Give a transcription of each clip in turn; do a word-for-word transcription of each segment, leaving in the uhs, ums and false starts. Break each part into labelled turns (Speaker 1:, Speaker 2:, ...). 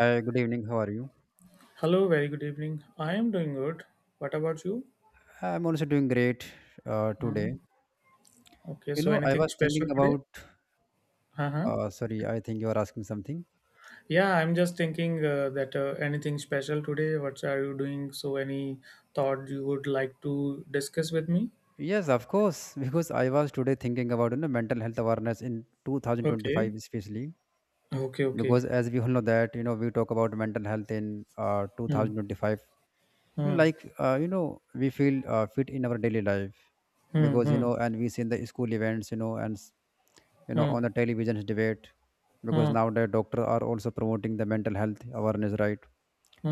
Speaker 1: Hi, good evening. How are you?
Speaker 2: Hello, very good evening. I am doing good. What about you?
Speaker 1: I'm also doing great uh, today.
Speaker 2: Mhm. Okay,
Speaker 1: You
Speaker 2: so
Speaker 1: know, I
Speaker 2: anything
Speaker 1: was
Speaker 2: special
Speaker 1: thinking
Speaker 2: today?
Speaker 1: about.
Speaker 2: Uh-huh.
Speaker 1: Uh, sorry, I think you are asking something.
Speaker 2: Yeah, I'm just thinking uh, that uh, anything special today? What are you doing? So, any thought you would like to discuss with me?
Speaker 1: Yes, of course, because I was today thinking about you know mental health awareness in
Speaker 2: Okay,
Speaker 1: two thousand twenty-five, especially
Speaker 2: okay, okay.
Speaker 1: because, as we all know, that you know we talk about mental health in uh,
Speaker 2: Hmm.
Speaker 1: two thousand twenty-five. You know,
Speaker 2: Hmm.
Speaker 1: like uh, you know, we feel uh, fit in our daily life
Speaker 2: Hmm.
Speaker 1: because, you
Speaker 2: Hmm.
Speaker 1: know, and we see in the school events, you know, and s- you know,
Speaker 2: Hmm.
Speaker 1: on the television's debate, because
Speaker 2: Hmm.
Speaker 1: nowadays doctors are also promoting the mental health awareness, right?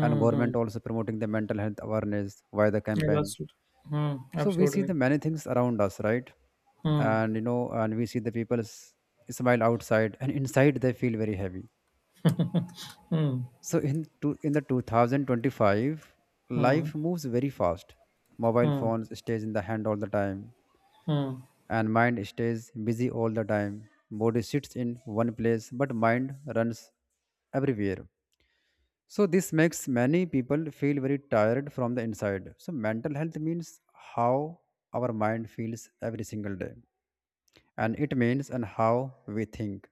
Speaker 1: And
Speaker 2: Hmm.
Speaker 1: government also promoting the mental health awareness via the
Speaker 2: Yeah,
Speaker 1: campaign.
Speaker 2: that's it. Hmm.
Speaker 1: So we see
Speaker 2: Absolutely.
Speaker 1: the many things around us, right,
Speaker 2: Hmm.
Speaker 1: and you know, and we see the people s- smile outside and inside they feel very heavy.
Speaker 2: Hmm.
Speaker 1: So in two, in the two thousand twenty-five,
Speaker 2: Hmm.
Speaker 1: life moves very fast. Mobile
Speaker 2: Hmm.
Speaker 1: phones stays in the hand all the time,
Speaker 2: Hmm.
Speaker 1: and mind stays busy all the time. Body sits in one place, but mind runs everywhere. So this makes many people feel very tired from the inside. So mental health means how our mind feels every single day. And it means and how we think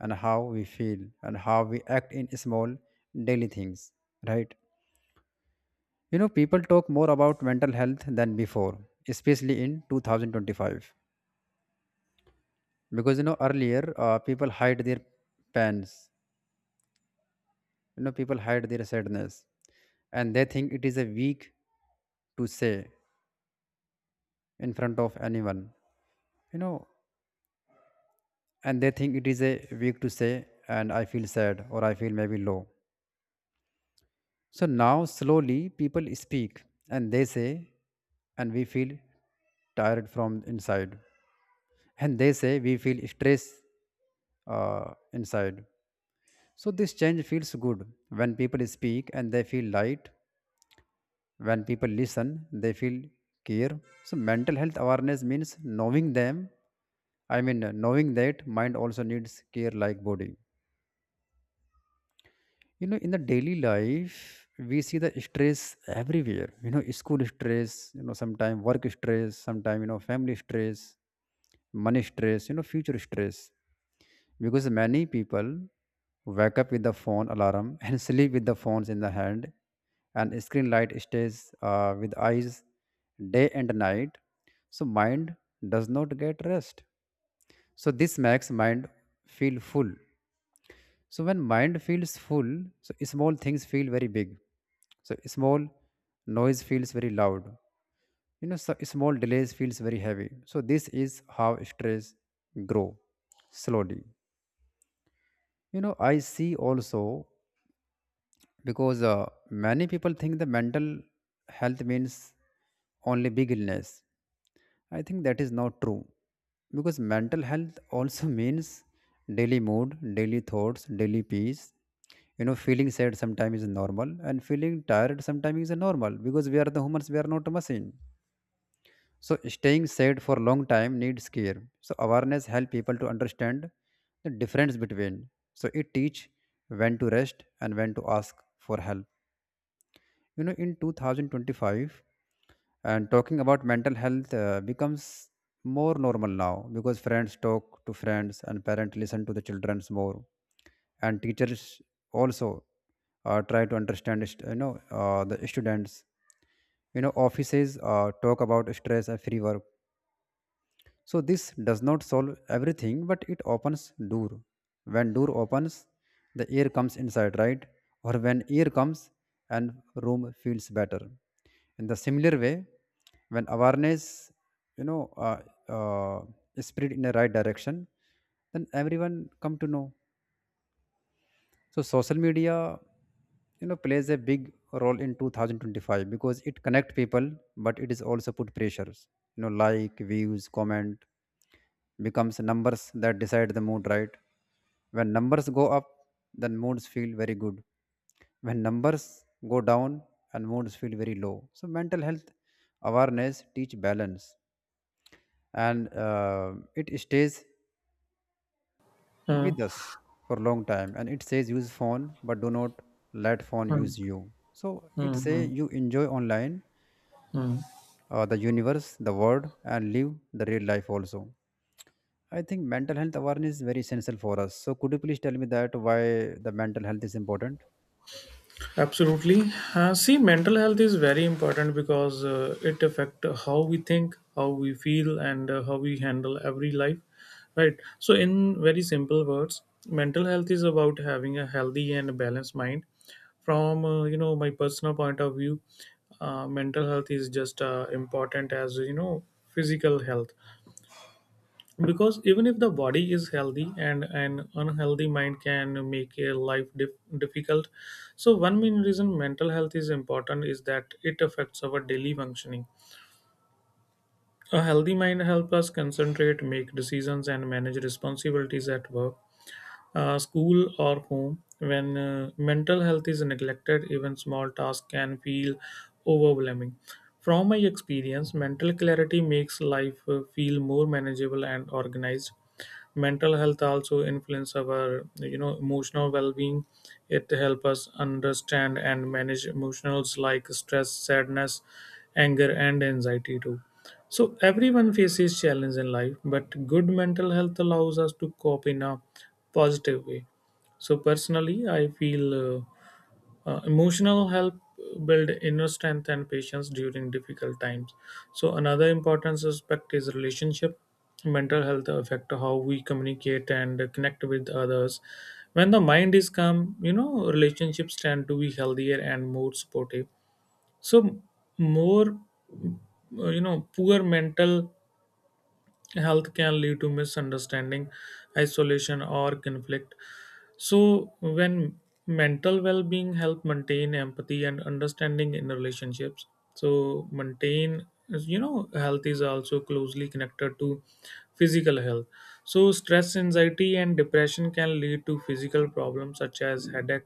Speaker 1: and how we feel and how we act in small daily things. Right? You know, people talk more about mental health than before, especially in twenty twenty-five. Because you know, earlier uh, people hide their pains, you know, people hide their sadness, and they think it is a weak to say in front of anyone, you know, and they think it is a weak to say, and I feel sad or I feel maybe low. So now slowly people speak and they say, and we feel tired from inside, and they say we feel stress uh, inside. So this change feels good. When people speak, and they feel light, when people listen, they feel care. So mental health awareness means knowing them, I mean knowing that mind also needs care like body. You know, in the daily life, we see the stress everywhere. You know, school stress, you know, sometimes work stress, sometimes, you know, family stress, money stress, you know, future stress. Because many people wake up with the phone alarm and sleep with the phones in the hand, and screen light stays uh, with eyes day and night. So mind does not get rest. So this makes mind feel full. So when mind feels full, so small things feel very big. So small noise feels very loud. You know, so small delays feels very heavy. So this is how stress grow slowly. You know, I see also because uh, many people think the mental health means only big illness. I think that is not true because mental health also means daily mood, daily thoughts, daily peace. You know, feeling sad sometimes is normal, and feeling tired sometimes is normal because we are the humans, we are not a machine. So staying sad for a long time needs care. So awareness help people to understand the difference between. So it teach when to rest and when to ask for help. You know, in twenty twenty-five, and talking about mental health uh, becomes more normal now, because friends talk to friends and parents listen to the children's more, and teachers also uh, try to understand st- you know, uh, the students. You know, offices uh, talk about stress and free work. So this does not solve everything, but it opens door. When door opens, the air comes inside, right? Or when air comes, and room feels better. In the similar way, when awareness, you know, uh, uh, is spread in the right direction, then everyone come to know. So social media, you know, plays a big role in two thousand twenty-five because it connect people, but it is also put pressures. You know, like views, comment becomes numbers that decide the mood, right? When numbers go up, then moods feel very good. When numbers go down, and moods feel very low. So mental health awareness teach balance, and uh, it stays
Speaker 2: Hmm.
Speaker 1: with us for long time, and it says use phone but do not let phone
Speaker 2: Hmm.
Speaker 1: use you. So it
Speaker 2: Hmm.
Speaker 1: say
Speaker 2: Hmm.
Speaker 1: you enjoy online,
Speaker 2: Hmm.
Speaker 1: uh, the universe, the world, and live the real life also. I think mental health awareness is very essential for us. So could you please tell me that why the mental health is important?
Speaker 2: Absolutely. Uh, see, mental health is very important because uh, it affect how we think, how we feel, and uh, how we handle every life. Right. So, in very simple words, mental health is about having a healthy and balanced mind. From uh, you know my personal point of view, uh, mental health is just uh, important as you know physical health, because even if the body is healthy, and an unhealthy mind can make a life dif- difficult. So one main reason mental health is important is that it affects our daily functioning. A healthy mind helps us concentrate, make decisions, and manage responsibilities at work, uh, school, or home. When uh, mental health is neglected, even small tasks can feel overwhelming. From my experience, mental clarity makes life uh, feel more manageable and organized. Mental health also influence our you know emotional well-being. It helps us understand and manage emotions like stress, sadness, anger, and anxiety too. So everyone faces challenge in life, but good mental health allows us to cope in a positive way. So personally, I feel uh, uh, emotional help build inner strength and patience during difficult times. So another important aspect is relationship. Mental health affect how we communicate and connect with others. When the mind is calm, you know relationships tend to be healthier and more supportive. So more, uh, you know, poor mental health can lead to misunderstanding, isolation, or conflict. So, when mental well being help maintain empathy and understanding in relationships, so maintain you know health is also closely connected to physical health. So stress, anxiety, and depression can lead to physical problems such as headache,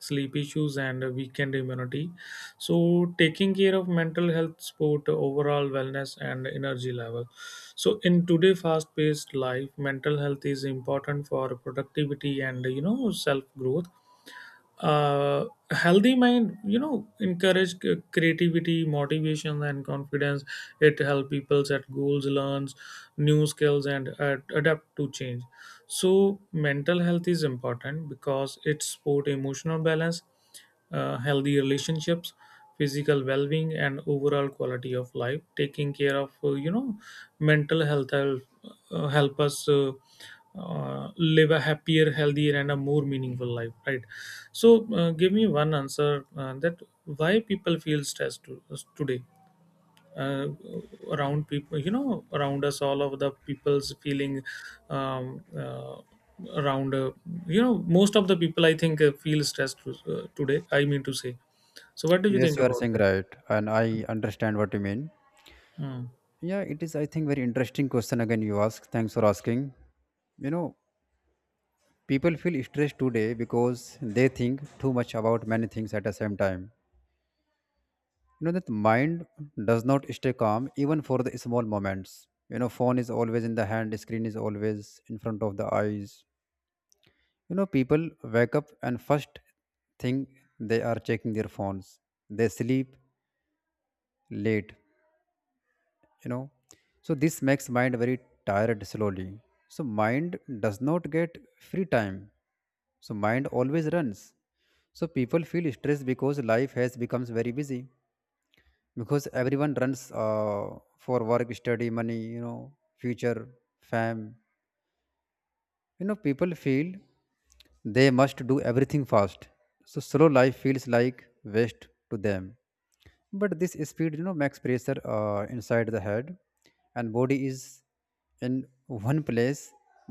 Speaker 2: sleep issues, and weakened immunity. So taking care of mental health support overall wellness and energy level. So in today fast paced life, mental health is important for productivity and you know self growth. uh Healthy mind you know encourage c- creativity, motivation, and confidence. It help people set goals, learns new skills, and uh, adapt to change. So, mental health is important because it support emotional balance, uh, healthy relationships, physical well-being, and overall quality of life. Taking care of uh, you know mental health help, uh, help us uh, uh, live a happier, healthier, and a more meaningful life. Right. So, uh, give me one answer uh, that why people feel stressed to, uh, today, uh, around people you know around us, all of the people's feeling, um, uh, around, uh, you know most of the people I think uh, feel stressed uh, today, I mean to say. So what do you
Speaker 1: Yes,
Speaker 2: think
Speaker 1: you are
Speaker 2: about
Speaker 1: saying
Speaker 2: that?
Speaker 1: right and I understand what you mean.
Speaker 2: Hmm.
Speaker 1: Yeah, it is, I think, very interesting question again you ask. Thanks for asking. You know, people feel stressed today because they think too much about many things at the same time. You know that mind does not stay calm even for the small moments. You know, phone is always in the hand, screen is always in front of the eyes. You know, people wake up, and first thing they are checking their phones. They sleep late, you know. So this makes mind very tired slowly. So mind does not get free time. So mind always runs. So people feel stressed because life has becomes very busy, because everyone runs uh, for work, study, money, you know, future, fam, you know. People feel they must do everything fast. So slow life feels like waste to them. But this speed, you know, makes pressure uh, inside the head. And body is in one place,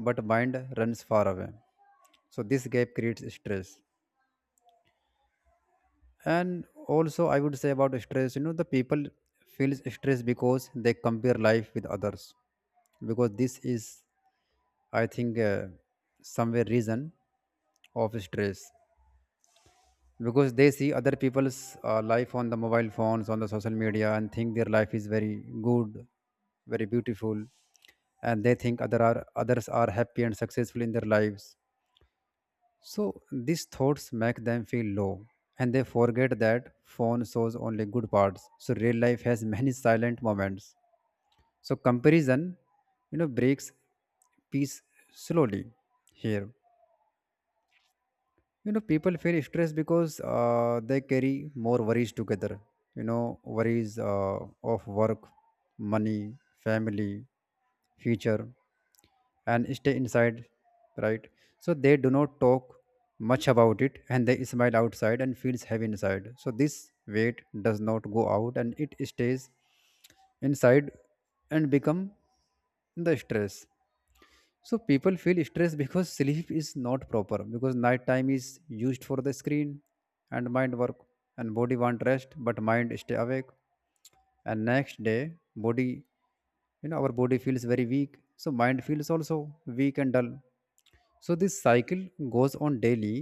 Speaker 1: but mind runs far away. So this gap creates stress. And also, I would say about stress, you know, the people feels stress because they compare life with others, because this is, I think, uh, somewhere reason of stress. Because they see other people's uh, life on the mobile phones, on the social media, and think their life is very good, very beautiful. And they think other are others are happy and successful in their lives. So these thoughts make them feel low, and they forget that phone shows only good parts. So real life has many silent moments. So comparison, you know, breaks peace slowly here. You know, people feel stressed because uh, they carry more worries together. You know, worries uh, of work, money, family, future, and stay inside, right. So they do not talk much about it, and they smile outside and feels heavy inside. So this weight does not go out, and it stays inside and become the stress. So people feel stressed because sleep is not proper, because night time is used for the screen, and mind work, and body want rest, but mind stay awake. And next day body, you know, our body feels very weak, so mind feels also weak and dull. So this cycle goes on daily.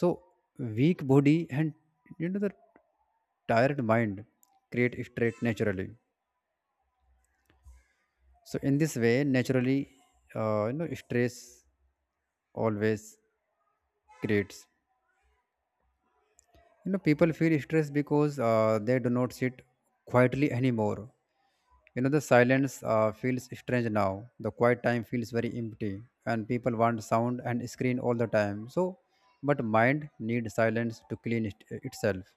Speaker 1: So weak body and, you know, the tired mind create stress naturally. So in this way, naturally, uh, you know, stress always creates. You know, people feel stressed because uh, they do not sit quietly anymore. You know, the silence uh, feels strange now. The quiet time feels very empty, and people want sound and screen all the time. So, but mind needs silence to clean it, uh, itself.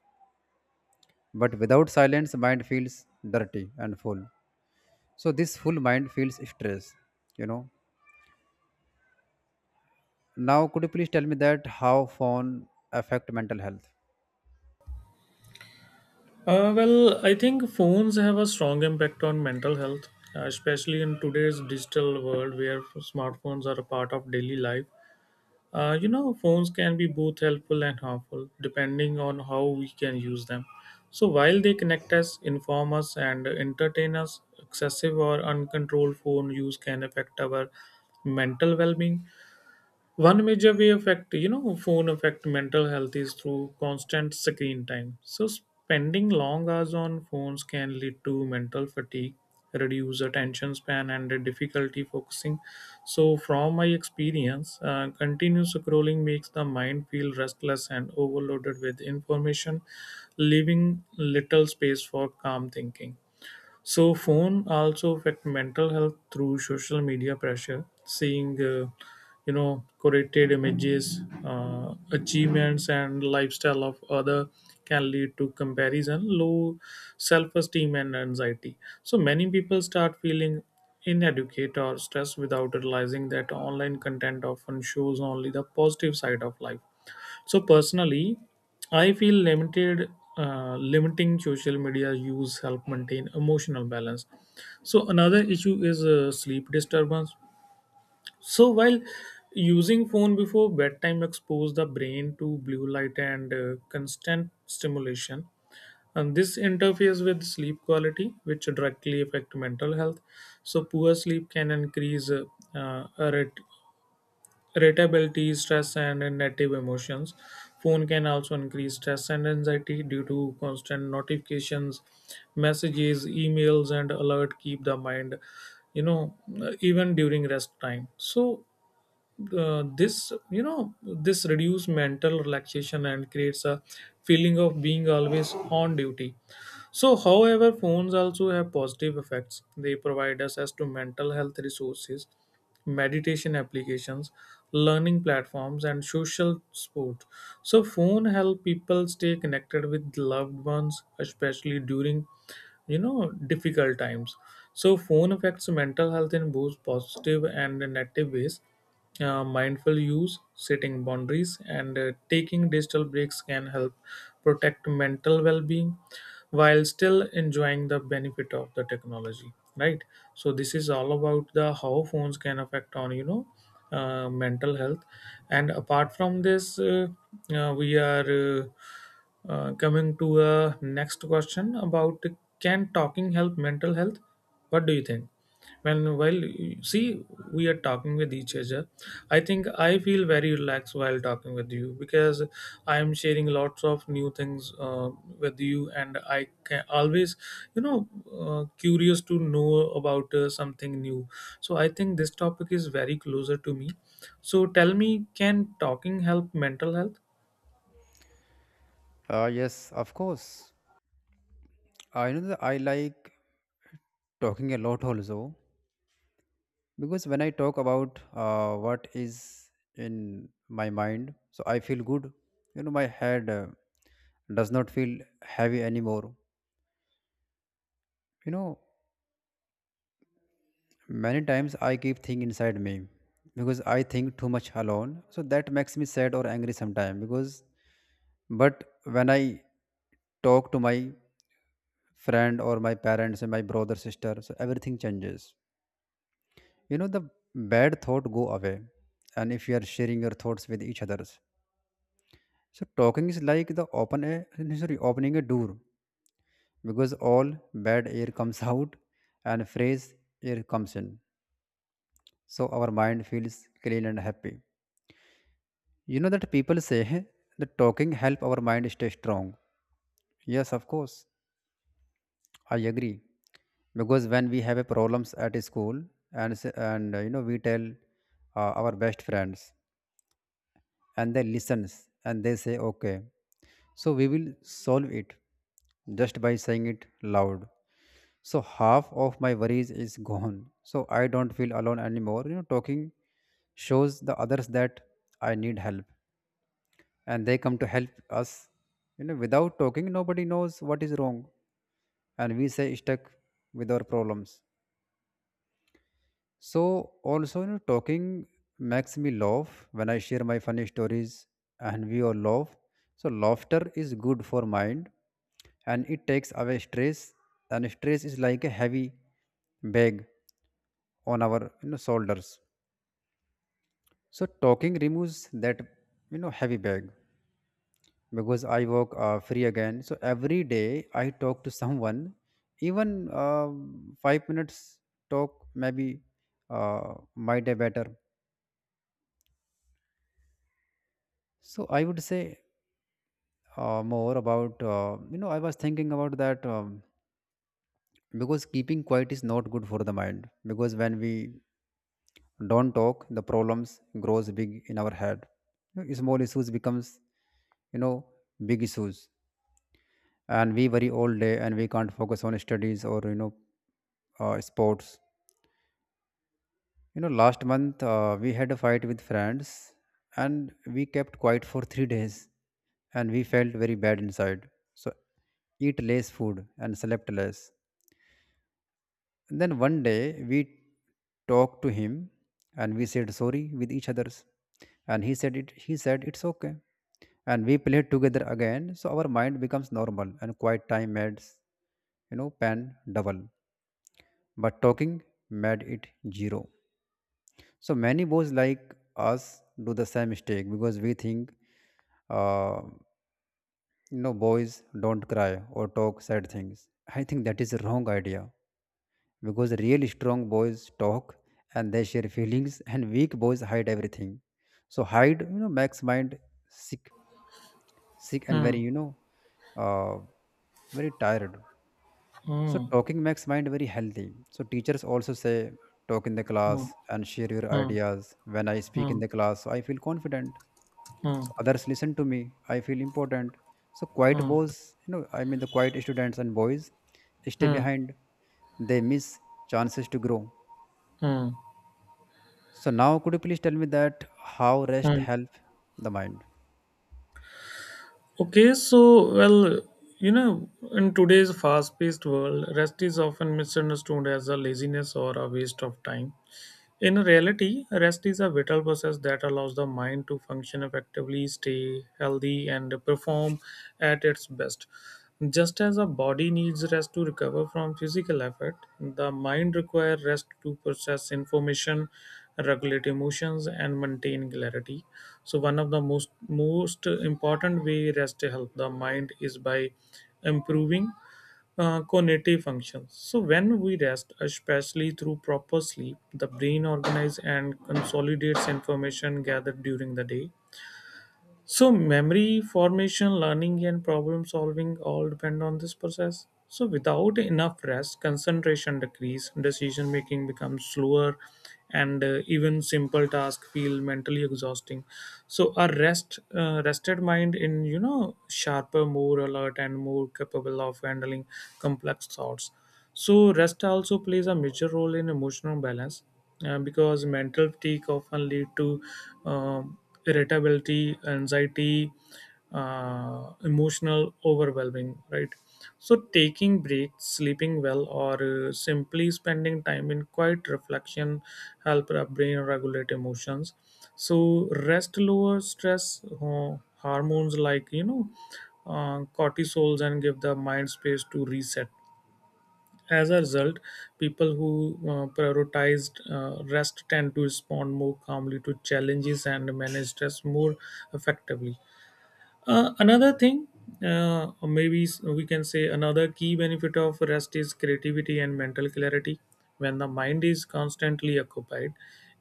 Speaker 1: But without silence, mind feels dirty and full. So this full mind feels stress. You know. Now, could you please tell me that how phone affect mental health?
Speaker 2: Uh, well, I think phones have a strong impact on mental health, uh, especially in today's digital world where smartphones are a part of daily life. Uh, you know, phones can be both helpful and harmful depending on how we can use them. So, while they connect us, inform us, and entertain us, excessive or uncontrolled phone use can affect our mental well being. One major way affect you know phone affect mental health is through constant screen time. So spending long hours on phones can lead to mental fatigue, reduce attention span, and a difficulty focusing. So from my experience, uh, continuous scrolling makes the mind feel restless and overloaded with information, leaving little space for calm thinking. So phone also affect mental health through social media pressure, seeing uh, you know curated images, uh, achievements, and lifestyle of other can lead to comparison, low self-esteem, and anxiety. So many people start feeling inadequate or stressed without realizing that online content often shows only the positive side of life. So personally, I feel limited uh, limiting social media use help maintain emotional balance. So another issue is uh, sleep disturbance. So while using phone before bedtime expose the brain to blue light and uh, constant stimulation, and this interferes with sleep quality which directly affect mental health. So poor sleep can increase uh, uh, irrit- irritability, stress, and negative emotions. Phone can also increase stress and anxiety due to constant notifications, messages, emails, and alert keep the mind, you know, even during rest time. So uh, this you know this reduce mental relaxation and creates a feeling of being always on duty. So however phones also have positive effects. They provide us as to mental health resources, meditation applications, learning platforms, and social support. So phone help people stay connected with loved ones, especially during you know difficult times. So phone affects mental health in both positive and negative ways. Uh, mindful use, setting boundaries, and uh, taking digital breaks can help protect mental well being while still enjoying the benefit of the technology, right? So this is all about the how phones can affect on you know uh, mental health. And apart from this uh, uh, we are uh, uh, coming to a next question about can talking help mental health? What do you think? When while See, we are talking with each other, I think I feel very relaxed while talking with you because I am sharing lots of new things uh, with you, and I can always you know uh, curious to know about uh, something new. So I think this topic is very closer to me. So tell me, can talking help mental health?
Speaker 1: Uh, yes, of course. I know that I like talking a lot also because when I talk about uh, what is in my mind, so I feel good. You know, my head uh, does not feel heavy anymore. You know, many times I keep things inside me because I think too much alone. So that makes me sad or angry sometimes because, but when I talk to my friend or my parents and my brother sister, so everything changes. You know, the bad thought go away. And if you are sharing your thoughts with each others, so talking is like the open air, sorry, opening a door, because all bad air comes out and fresh air comes in. So our mind feels clean and happy. You know that people say that talking help our mind stay strong. Yes, of course, I agree. Because when we have a problems at school, and s- and uh, you know, we tell uh, our best friends, and they listens, and they say okay, so we will solve it. Just by saying it loud, so half of my worries is gone. So I don't feel alone anymore. You know, talking shows the others that I need help, and they come to help us. You know, without talking, nobody knows what is wrong, and we say stuck with our problems. So also, you know, talking makes me laugh when I share my funny stories, and we all laugh. So laughter is good for mind, and it takes away stress. And stress is like a heavy bag on our, you know, shoulders. So talking removes that you know heavy bag because I work uh, free again. So every day I talk to someone, even um five minutes talk maybe uh, might be better. So I would say uh, more about uh, you know I was thinking about that um, because keeping quiet is not good for the mind, because when we don't talk the problems grows big in our head. You know, small issues becomes, you know big issues, and we worry all day and we can't focus on studies or you know uh, sports. You know, last month uh, we had a fight with friends and we kept quiet for three days and we felt very bad inside. So, eat less food and slept less. And then one day we talked to him and we said sorry with each others. And he said it he said it's okay. And we played together again. So our mind becomes normal and quiet time adds, you know, pan double. But talking made it zero. So many boys like us do the same mistake because we think, uh, you know, boys don't cry or talk sad things. I think that is a wrong idea because really strong boys talk and they share feelings, and weak boys hide everything. So hide, you know, makes mind sick, sick and very,
Speaker 2: Hmm.
Speaker 1: you know, uh, very tired. So
Speaker 2: Hmm.
Speaker 1: talking makes mind very healthy. So teachers also say talk in the
Speaker 2: Hmm.
Speaker 1: class and share your
Speaker 2: Hmm.
Speaker 1: ideas. When I speak in
Speaker 2: Hmm.
Speaker 1: the class, I feel confident,
Speaker 2: Hmm.
Speaker 1: so others listen to me, I feel important. So quiet
Speaker 2: Hmm.
Speaker 1: boys, you know i mean the quiet students and boys, stay
Speaker 2: Hmm.
Speaker 1: behind. They miss chances to grow.
Speaker 2: Hmm.
Speaker 1: So now could you please tell me that how rest
Speaker 2: Mm.
Speaker 1: help the mind?
Speaker 2: Okay, so well, you know, in today's fast-paced world, rest is often misunderstood as a laziness or a waste of time. In reality, rest is a vital process that allows the mind to function effectively, stay healthy, and perform at its best. Just as a body needs rest to recover from physical effort, the mind requires rest to process information, regulate emotions, and maintain clarity. So, one of the most most important way rest help the mind is by improving uh, cognitive functions. So, when we rest, especially through proper sleep, the brain organizes and consolidates information gathered during the day. So memory formation, learning, and problem solving all depend on this process. So without enough rest, concentration decrease, decision making becomes slower, and uh, even simple tasks feel mentally exhausting. So a rest, uh, rested mind in you know sharper, more alert, and more capable of handling complex thoughts. So rest also plays a major role in emotional balance uh, because mental fatigue often lead to um, irritability, anxiety, uh, emotional overwhelming, right? So taking breaks, sleeping well, or uh, simply spending time in quiet reflection help our brain regulate emotions. So rest lowers stress uh, hormones like you know uh, cortisols and give the mind space to reset. As a result, people who uh, prioritized uh, rest tend to respond more calmly to challenges and manage stress more effectively. Uh, another thing, uh, or maybe s- we can say another key benefit of rest is creativity and mental clarity. When the mind is constantly occupied,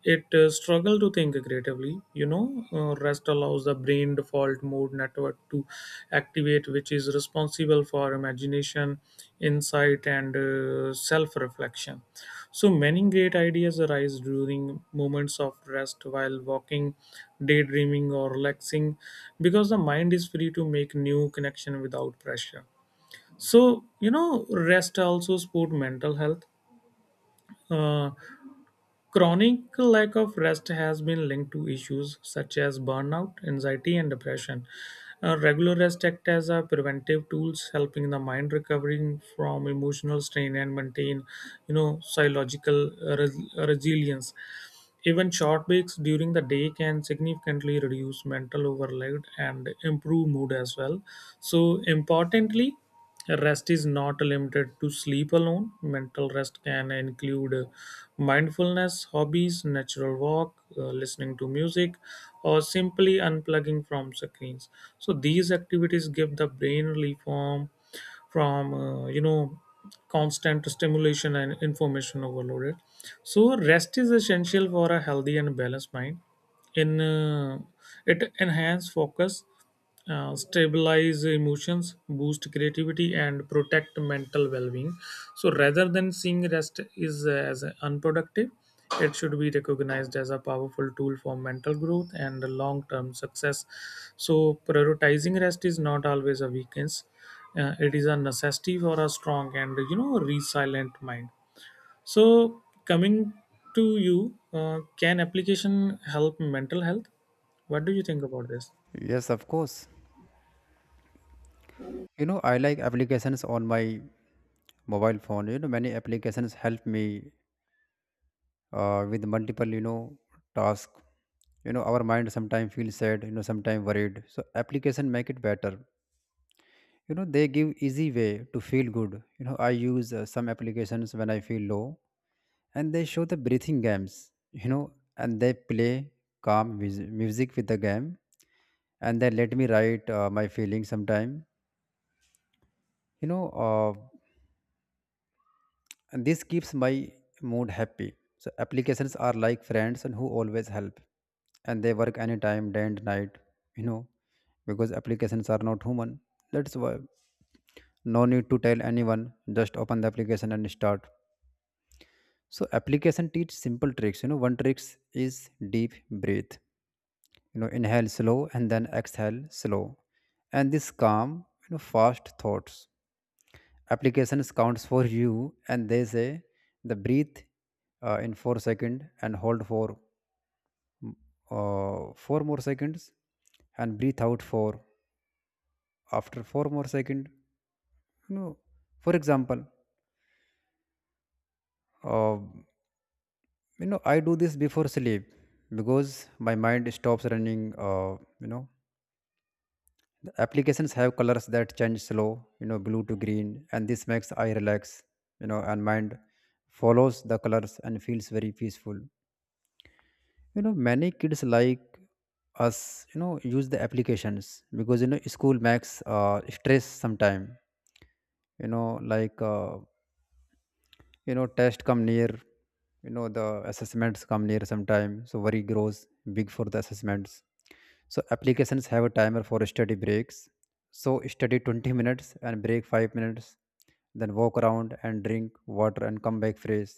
Speaker 2: it uh, struggle to think creatively. You know, uh, rest allows the brain default mode network to activate, which is responsible for imagination, insight, and uh, self reflection. So many great ideas arise during moments of rest while walking, daydreaming, or relaxing because the mind is free to make new connection without pressure. So, you know, rest also support mental health. Uh, Chronic lack of rest has been linked to issues such as burnout, anxiety, and depression. Uh, regular rest act as a preventive tools, helping the mind recovering from emotional strain and maintain, you know, psychological uh, res- resilience. Even short breaks during the day can significantly reduce mental overload and improve mood as well. So, importantly, rest is not limited to sleep alone. Mental rest can include uh, mindfulness, hobbies, natural walk, uh, listening to music, or simply unplugging from screens. So, these activities give the brain relief from from uh, you know constant stimulation and information overloaded. So rest is essential for a healthy and balanced mind. In uh, It enhance focus, uh, stabilize emotions, boost creativity, and protect mental well-being. So rather than seeing rest is uh, as unproductive, it should be recognized as a powerful tool for mental growth and long-term success. So prioritizing rest is not always a weakness. Uh, it is a necessity for a strong and you know resilient mind. So coming to you, uh, can application help mental health? What do you think about this?
Speaker 1: Yes, of course. You know, I like applications on my mobile phone. You know, many applications help me uh, with multiple, you know task. You know, our mind sometimes feels sad, you know, sometimes worried, so application make it better. You know, they give easy way to feel good. You know, I use uh, some applications when I feel low, and they show the breathing games, you know, and they play calm mus- music with the game, and they let me write uh, my feelings sometime. you know uh, and this keeps my mood happy. So applications are like friends and who always help, and they work anytime, day and night. You know, because applications are not human. That's why no need to tell anyone. Just open the application and start. So application teach simple tricks. You know, one tricks is deep breathe. You know, inhale slow and then exhale slow, and this calm, you know, fast thoughts. Applications counts for you and they say the breathe uh, in four second and hold for mm, uh, four more seconds, and breathe out for after four more second. You know, for example, uh, you know I do this before sleep because my mind stops running. uh, you know the applications have colors that change slow, you know, blue to green, and this makes I relax. You know, and mind follows the colors and feels very peaceful. You know, many kids like us, you know, use the applications because, you know, school makes uh, stress sometime. You know like uh, you know tests come near, you know, the assessments come near sometime, so worry grows big for the assessments. So applications have a timer for study breaks. So study twenty minutes and break five minutes, then walk around and drink water and come back fresh.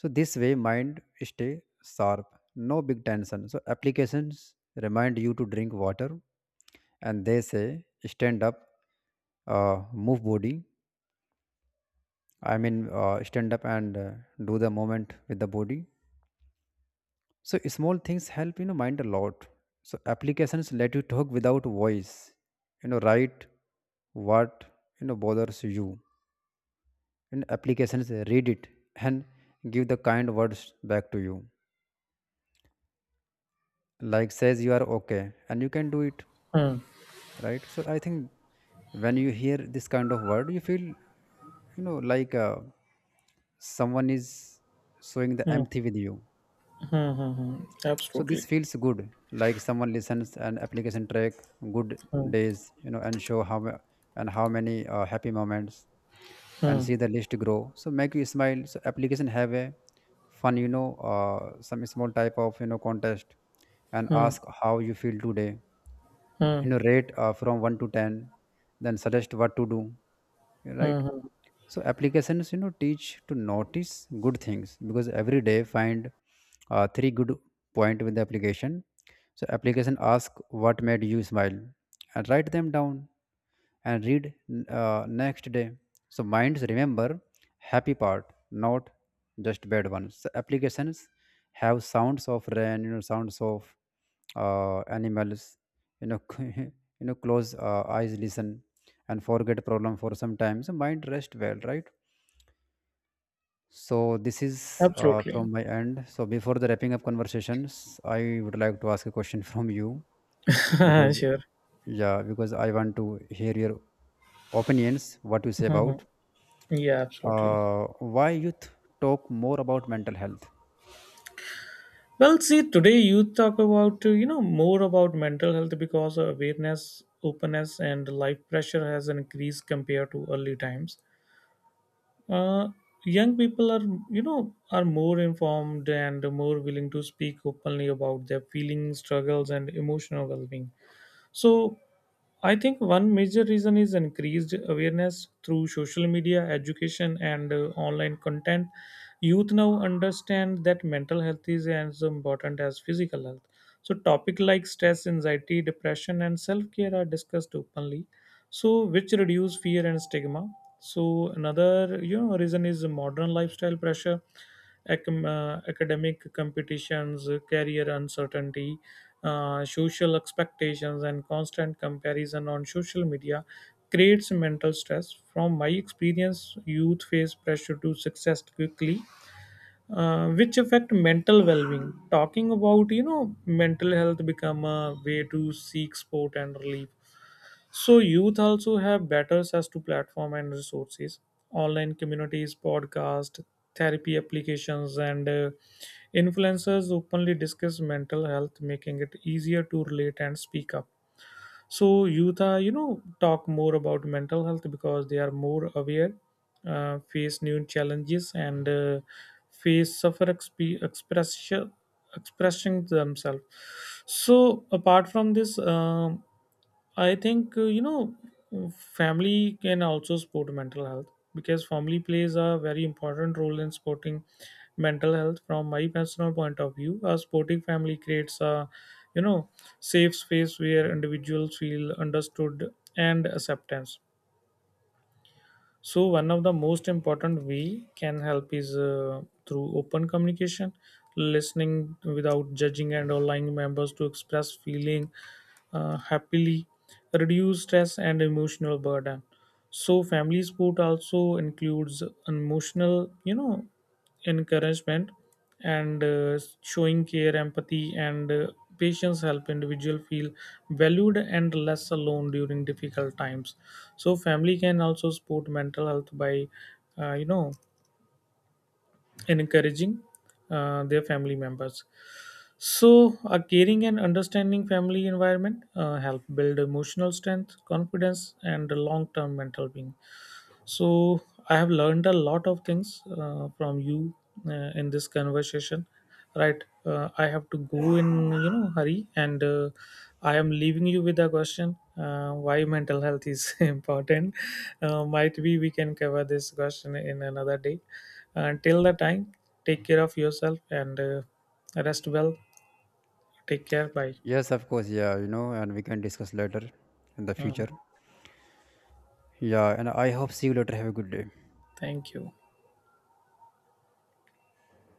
Speaker 1: So this way mind stay sharp, no big tension. So applications remind you to drink water and they say stand up, uh, move body. I mean, uh, stand up and uh, do the movement with the body. So small things help, you know, mind a lot. So applications let you talk without voice. You know, write what, you know bothers you. And applications read it and give the kind words back to you. Like says you are okay and you can do it,
Speaker 2: Hmm.
Speaker 1: right? So I think when you hear this kind of word, you feel, you know, like uh, someone is showing the
Speaker 2: Hmm.
Speaker 1: empathy with you.
Speaker 2: Hmm. Hmm. Hmm.
Speaker 1: So this
Speaker 2: Absolutely.
Speaker 1: feels good, like someone listens. An application track good
Speaker 2: Hmm.
Speaker 1: days, you know, and show how ma- and how many uh, happy moments, and
Speaker 2: Hmm.
Speaker 1: see the list grow, so make you smile. So application have a fun, you know uh, some small type of, you know contest, and
Speaker 2: Hmm.
Speaker 1: ask how you feel today.
Speaker 2: Hmm.
Speaker 1: You know, rate uh, from one to ten, then suggest what to do, right? So applications, you know, teach to notice good things because every day find uh, three good point with the application. So application ask what made you smile, and write them down, and read uh, next day. So minds remember happy part, not just bad ones. So applications have sounds of rain, you know, sounds of uh, animals, you know, you know, close uh, eyes, listen, and forget problem for some time, so mind rest well, right? So this is uh, from
Speaker 2: Absolutely.
Speaker 1: my end. So before the wrapping up conversations, I would like to ask a question from you, because,
Speaker 2: Sure.
Speaker 1: yeah, because I want to hear your opinions, what you say
Speaker 2: Hmm. Hmm.
Speaker 1: about,
Speaker 2: Yeah, absolutely.
Speaker 1: uh, why youth talk more about mental health?
Speaker 2: Well, see, today you talk about uh, you know more about mental health because awareness, openness, and life pressure has increased compared to early times. uh, Young people are you know are more informed and more willing to speak openly about their feelings, struggles, and emotional well-being. So I think one major reason is increased awareness through social media, education, and uh, online content. Youth now understand that mental health is as important as physical health. So topics like stress, anxiety, depression, and self-care are discussed openly, so which reduce fear and stigma. So another you know reason is modern lifestyle pressure, acam- uh, academic competitions, uh, career uncertainty, uh, social expectations, and constant comparison on social media creates mental stress. From my experience, youth face pressure to success quickly, uh, which affect mental well-being. Talking about you know mental health become a way to seek support and relief. So youth also have better access to platform and resources, online communities, podcast, therapy applications, and uh, influencers openly discuss mental health, making it easier to relate and speak up. So youth are, you know, talk more about mental health because they are more aware, uh, face new challenges, and uh, face suffer exp- expression expressing themselves. So apart from this um, I think uh, you know family can also support mental health because family plays a very important role in supporting mental health. From my personal point of view, a supporting family creates a you know safe space where individuals feel understood and acceptance. So one of the most important we can help is uh, through open communication, listening without judging and allowing members to express feeling uh, happily reduce stress and emotional burden. So family support also includes emotional you know encouragement, and uh, showing care, empathy, and uh, patience help individual feel valued and less alone during difficult times. So family can also support mental health by uh, you know encouraging uh, their family members. So a caring and understanding family environment uh, help build emotional strength, confidence, and long-term mental being. So I have learned a lot of things uh, from you uh, in this conversation. Right, uh, I have to go in you know hurry, and uh, I am leaving you with a question: uh, why mental health is important? Uh, might be we can cover this question in another day. Until the time, take care of yourself and uh, rest well. Take care. Bye.
Speaker 1: Yes, of course. Yeah, you know, and we can discuss later in the
Speaker 2: Uh,
Speaker 1: future. Yeah, and I hope see you later. Have a good day.
Speaker 2: Thank you.